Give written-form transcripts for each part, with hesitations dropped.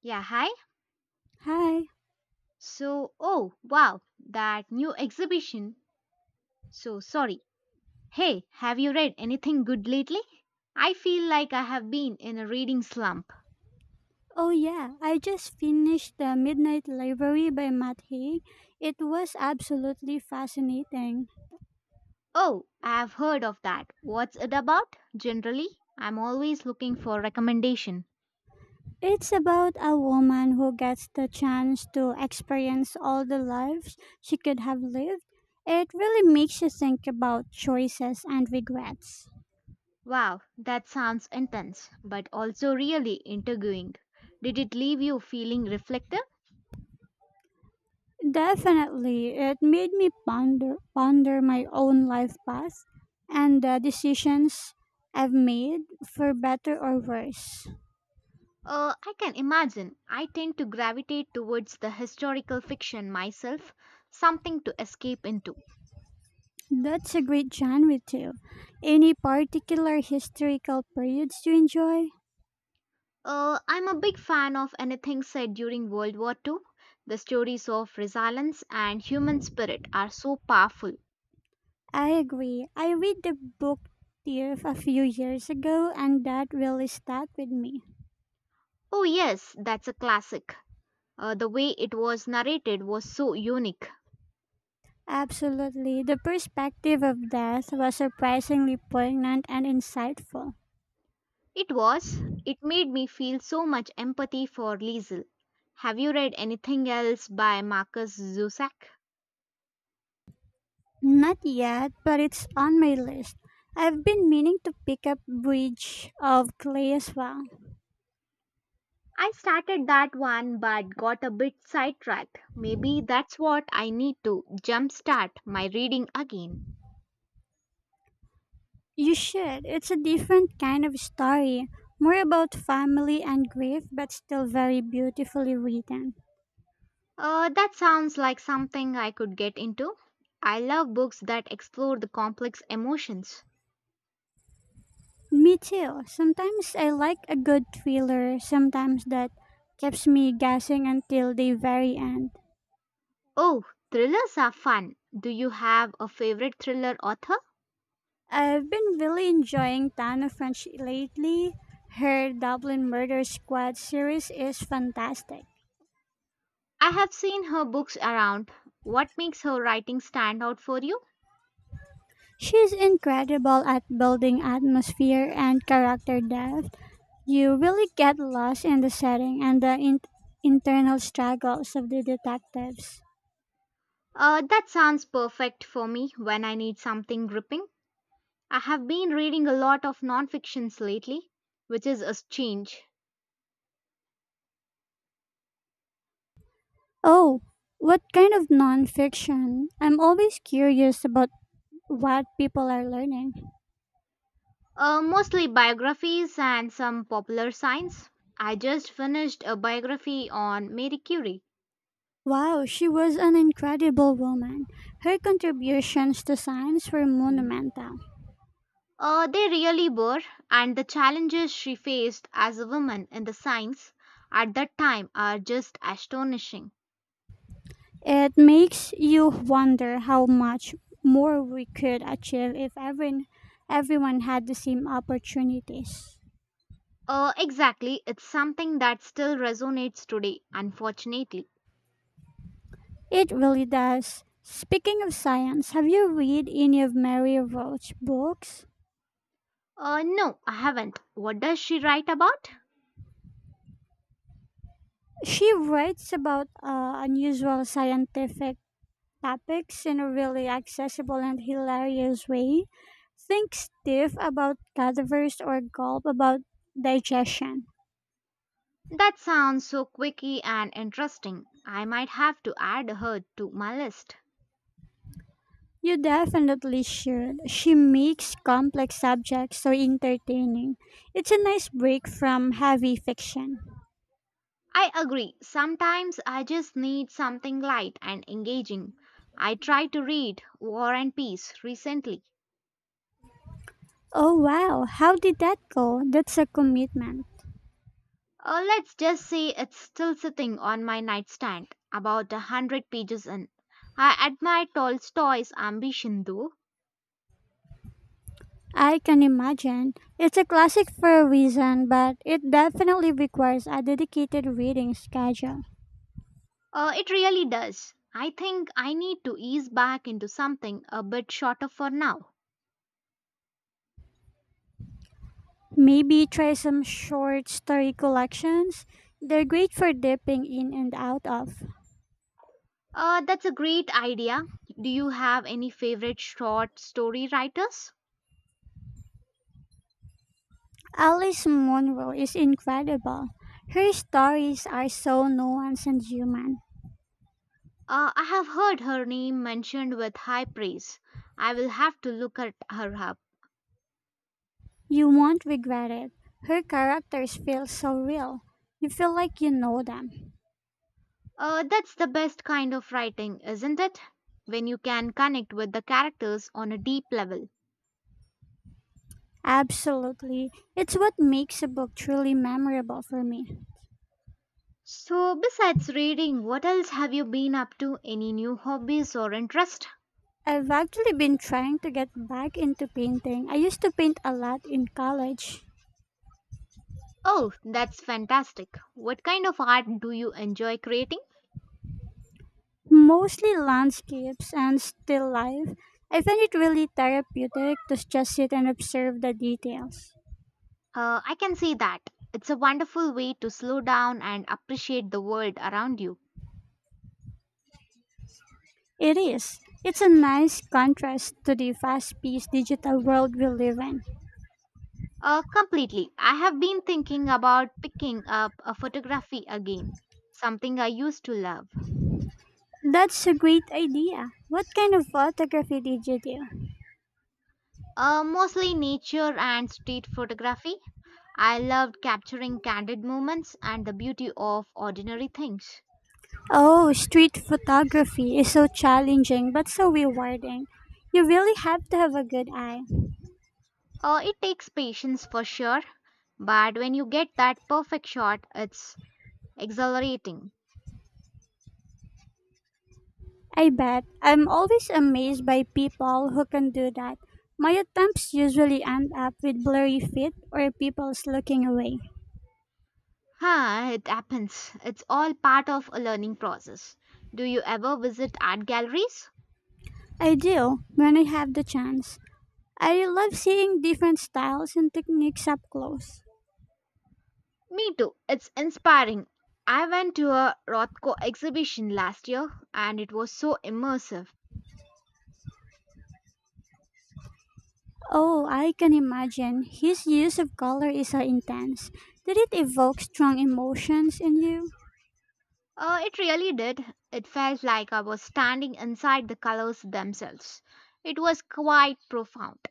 Yeah, hi. Hi. So, oh, wow, that new exhibition. So sorry. Hey, have you read anything good lately? I feel like I have been in a reading slump. Oh yeah, I just finished The Midnight Library by Matt Haig. It was absolutely fascinating. Oh, I've heard of that. What's it about? Generally, I'm always looking for recommendation. It's about a woman who gets the chance to experience all the lives she could have lived. It really makes you think about choices and regrets. Wow, that sounds intense, but also really intriguing. Did it leave you feeling reflective? Definitely, it made me ponder my own life path and the decisions I've made for better or worse. I can imagine. I tend to gravitate towards the historical fiction myself, something to escape into. That's a great genre too. Any particular historical periods you enjoy? I'm a big fan of anything said during World War II. The stories of resilience and human spirit are so powerful. I agree. I read the book Thief a few years ago and that really stuck with me. Oh, yes, that's a classic. The way it was narrated was so unique. Absolutely. The perspective of death was surprisingly poignant and insightful. It was. It made me feel so much empathy for Liesel. Have you read anything else by Marcus Zusak? Not yet, but it's on my list. I've been meaning to pick up Bridge of Clay as well. I started that one but got a bit sidetracked. Maybe that's what I need to jumpstart my reading again. You should. It's a different kind of story, more about family and grief, but still very beautifully written. That sounds like something I could get into. I love books that explore the complex emotions. Me too. Sometimes I like a good thriller, sometimes that keeps me guessing until the very end. Oh, thrillers are fun. Do you have a favorite thriller author? I've been really enjoying Tana French lately. Her Dublin Murder Squad series is fantastic. I have seen her books around. What makes her writing stand out for you? She's incredible at building atmosphere and character depth. You really get lost in the setting and the internal struggles of the detectives. That sounds perfect for me when I need something gripping. I have been reading a lot of non-fictions lately, which is a change. Oh, what kind of nonfiction? I'm always curious about what people are learning. Mostly biographies and some popular science. I just finished a biography on Marie Curie. Wow, she was an incredible woman. Her contributions to science were Mm. monumental. They really were, and the challenges she faced as a woman in the science at that time are just astonishing. It makes you wonder how much more we could achieve if everyone had the same opportunities. Exactly, it's something that still resonates today, unfortunately. It really does. Speaking of science, have you read any of Mary Roach's books? No, I haven't. What does she write about? She writes about unusual scientific topics in a really accessible and hilarious way. Think stiff about cadavers or gulp about digestion. That sounds so quirky and interesting. I might have to add her to my list. You definitely should. She makes complex subjects so entertaining. It's a nice break from heavy fiction. I agree. Sometimes I just need something light and engaging. I tried to read War and Peace recently. Oh wow, how did that go? That's a commitment. Let's just say it's still sitting on my nightstand, about a hundred pages in. I admire Tolstoy's ambition though. I can imagine. It's a classic for a reason, but it definitely requires a dedicated reading schedule. It really does. I think I need to ease back into something a bit shorter for now. Maybe try some short story collections. They're great for dipping in and out of. That's a great idea. Do you have any favorite short story writers? Alice Munro is incredible. Her stories are so nuanced and human. I have heard her name mentioned with high praise. I will have to look at her up. You won't regret it. Her characters feel so real. You feel like you know them. That's the best kind of writing, isn't it? When you can connect with the characters on a deep level. Absolutely. It's what makes a book truly memorable for me. So, besides reading, what else have you been up to? Any new hobbies or interest? I've actually been trying to get back into painting. I used to paint a lot in college, Oh, that's fantastic. What kind of art do you enjoy creating? mostly landscapes and still life. I find it really therapeutic to just sit and observe the details. I can see that. It's a wonderful way to slow down and appreciate the world around you. It is. It's a nice contrast to the fast paced digital world we live in. Completely. I have been thinking about picking up a photography again, something I used to love. That's a great idea. What kind of photography did you do? Mostly nature and street photography. I loved capturing candid moments and the beauty of ordinary things. Oh, street photography is so challenging but so rewarding. You really have to have a good eye. It takes patience for sure, but when you get that perfect shot, it's exhilarating. I bet. I'm always amazed by people who can do that. My attempts usually end up with blurry feet or people's looking away. Huh, it happens. It's all part of a learning process. Do you ever visit art galleries? I do, when I have the chance. I love seeing different styles and techniques up close. Me too. It's inspiring. I went to a Rothko exhibition last year and it was so immersive. Oh, I can imagine. His use of color is so intense. Did it evoke strong emotions in you? It really did. It felt like I was standing inside the colors themselves. It was quite profound.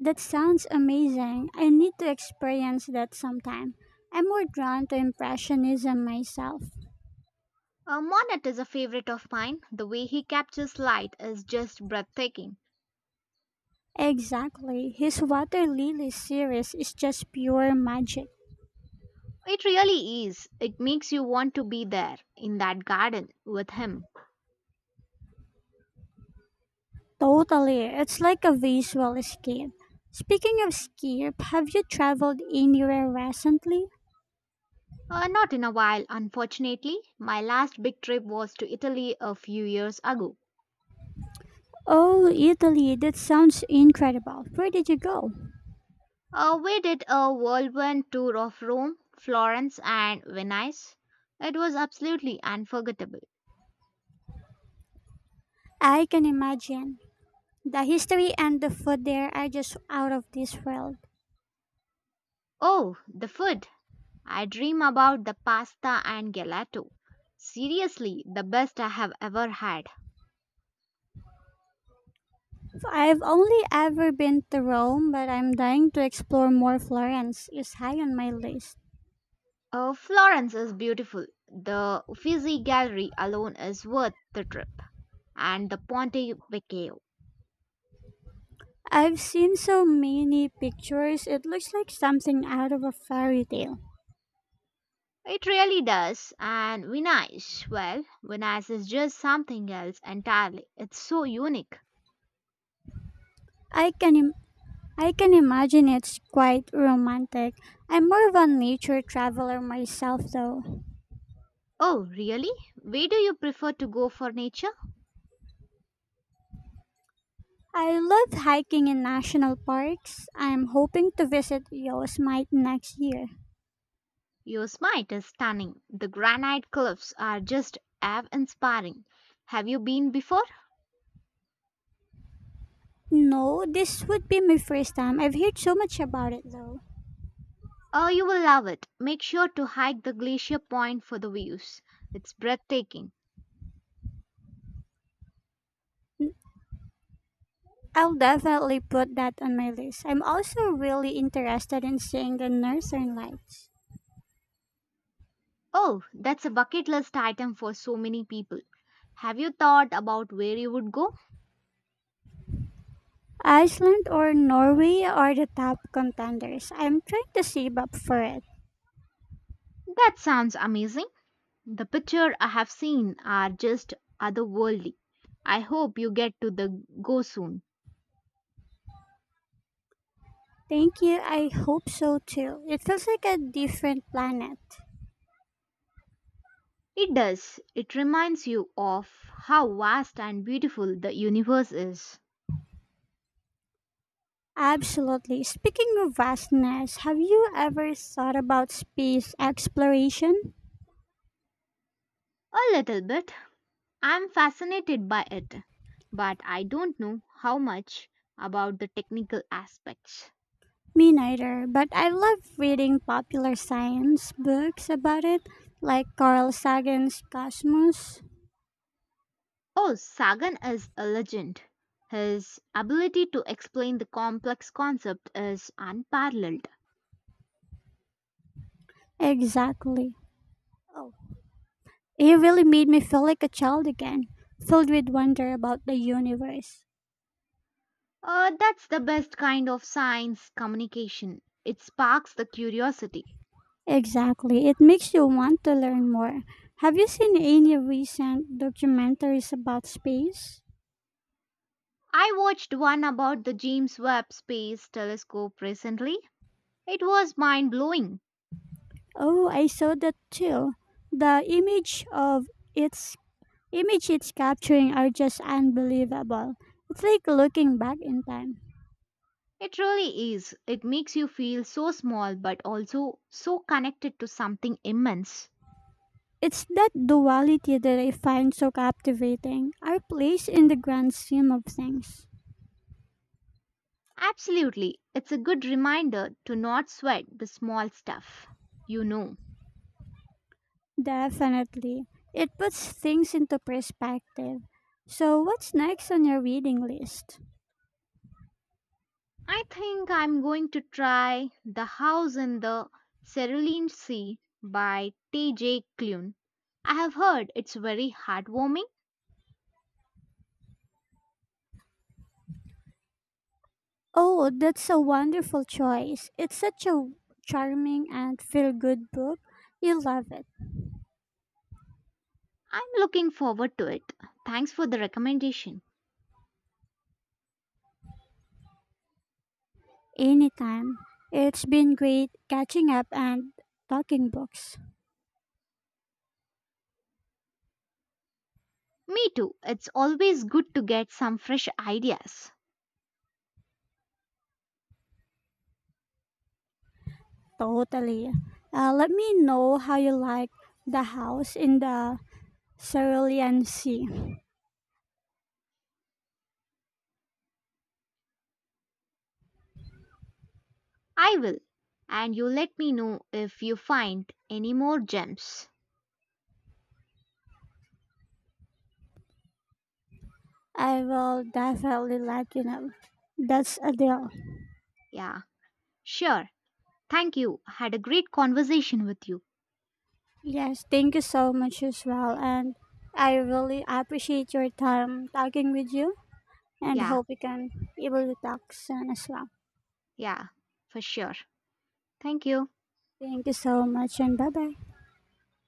That sounds amazing. I need to experience that sometime. I'm more drawn to Impressionism myself. Monet is a favorite of mine. The way he captures light is just breathtaking. Exactly. His Water Lily series is just pure magic. It really is. It makes you want to be there in that garden with him. Totally. It's like a visual escape. Speaking of escape, have you traveled anywhere recently? Not in a while, unfortunately. My last big trip was to Italy a few years ago. Oh, Italy. That sounds incredible. Where did you go? We did a whirlwind tour of Rome, Florence, and Venice. It was absolutely unforgettable. I can imagine. The history and the food there are just out of this world. Oh, the food! I dream about the pasta and gelato. Seriously, the best I have ever had. I've only ever been to Rome, but I'm dying to explore more. Florence is high on my list. Florence is beautiful. The Uffizi Gallery alone is worth the trip, and the Ponte Vecchio. I've seen so many pictures. It looks like something out of a fairy tale. It really does. And Vinash, well, Vinash is just something else entirely. It's so unique. I can Im- I can imagine it's quite romantic. I'm more of a nature traveler myself though. Oh, really? Where do you prefer to go for nature? I love hiking in national parks. I'm hoping to visit Yosemite next year. Your smite is stunning. The granite cliffs are just awe-inspiring. Have you been before? No, this would be my first time. I've heard so much about it though. Oh, you will love it. Make sure to hike the glacier point for the views. It's breathtaking. I'll definitely put that on my list. I'm also really interested in seeing the northern lights. Oh, that's a bucket list item for so many people. Have you thought about where you would go? Iceland or Norway are the top contenders. I'm trying to save up for it. That sounds amazing. The picture I have seen are just otherworldly. I hope you get to the go soon. Thank you. I hope so too. It feels like a different planet. It does. It reminds you of how vast and beautiful the universe is. Absolutely. Speaking of vastness, have you ever thought about space exploration? A little bit. I'm fascinated by it, but I don't know how much about the technical aspects. Me neither, but I love reading popular science books about it, like Carl Sagan's Cosmos. Oh, Sagan is a legend. His ability to explain the complex concept is unparalleled. Exactly. Oh, it really made me feel like a child again, filled with wonder about the universe. That's the best kind of science communication. It sparks the curiosity. Exactly. It makes you want to learn more. Have you seen any recent documentaries about space? I watched one about the James Webb Space Telescope recently. It was mind blowing. Oh, I saw that too. The image of its image it's capturing are just unbelievable. It's like looking back in time. It really is. It makes you feel so small but also so connected to something immense. It's that duality that I find so captivating. Our place in the grand scheme of things. Absolutely. It's a good reminder to not sweat the small stuff. You know. Definitely. It puts things into perspective. So what's next on your reading list? I think I'm going to try The House in the Cerulean Sea by T.J. Klune. I have heard it's very heartwarming. Oh, that's a wonderful choice. It's such a charming and feel good book. You'll love it. I'm looking forward to it. Thanks for the recommendation. Anytime. It's been great catching up and talking books. Me too. It's always good to get some fresh ideas. Totally. Let me know how you like The House in the Cerulean Sea. I will. And you let me know if you find any more gems. I will definitely let you know. That's a deal. Yeah, sure. Thank you. Had a great conversation with you. Yes, thank you so much as well. And I really appreciate your time talking with you. And Yeah, hope we can able to talk soon as well. yeah, for sure. Thank you. Thank you so much and bye bye.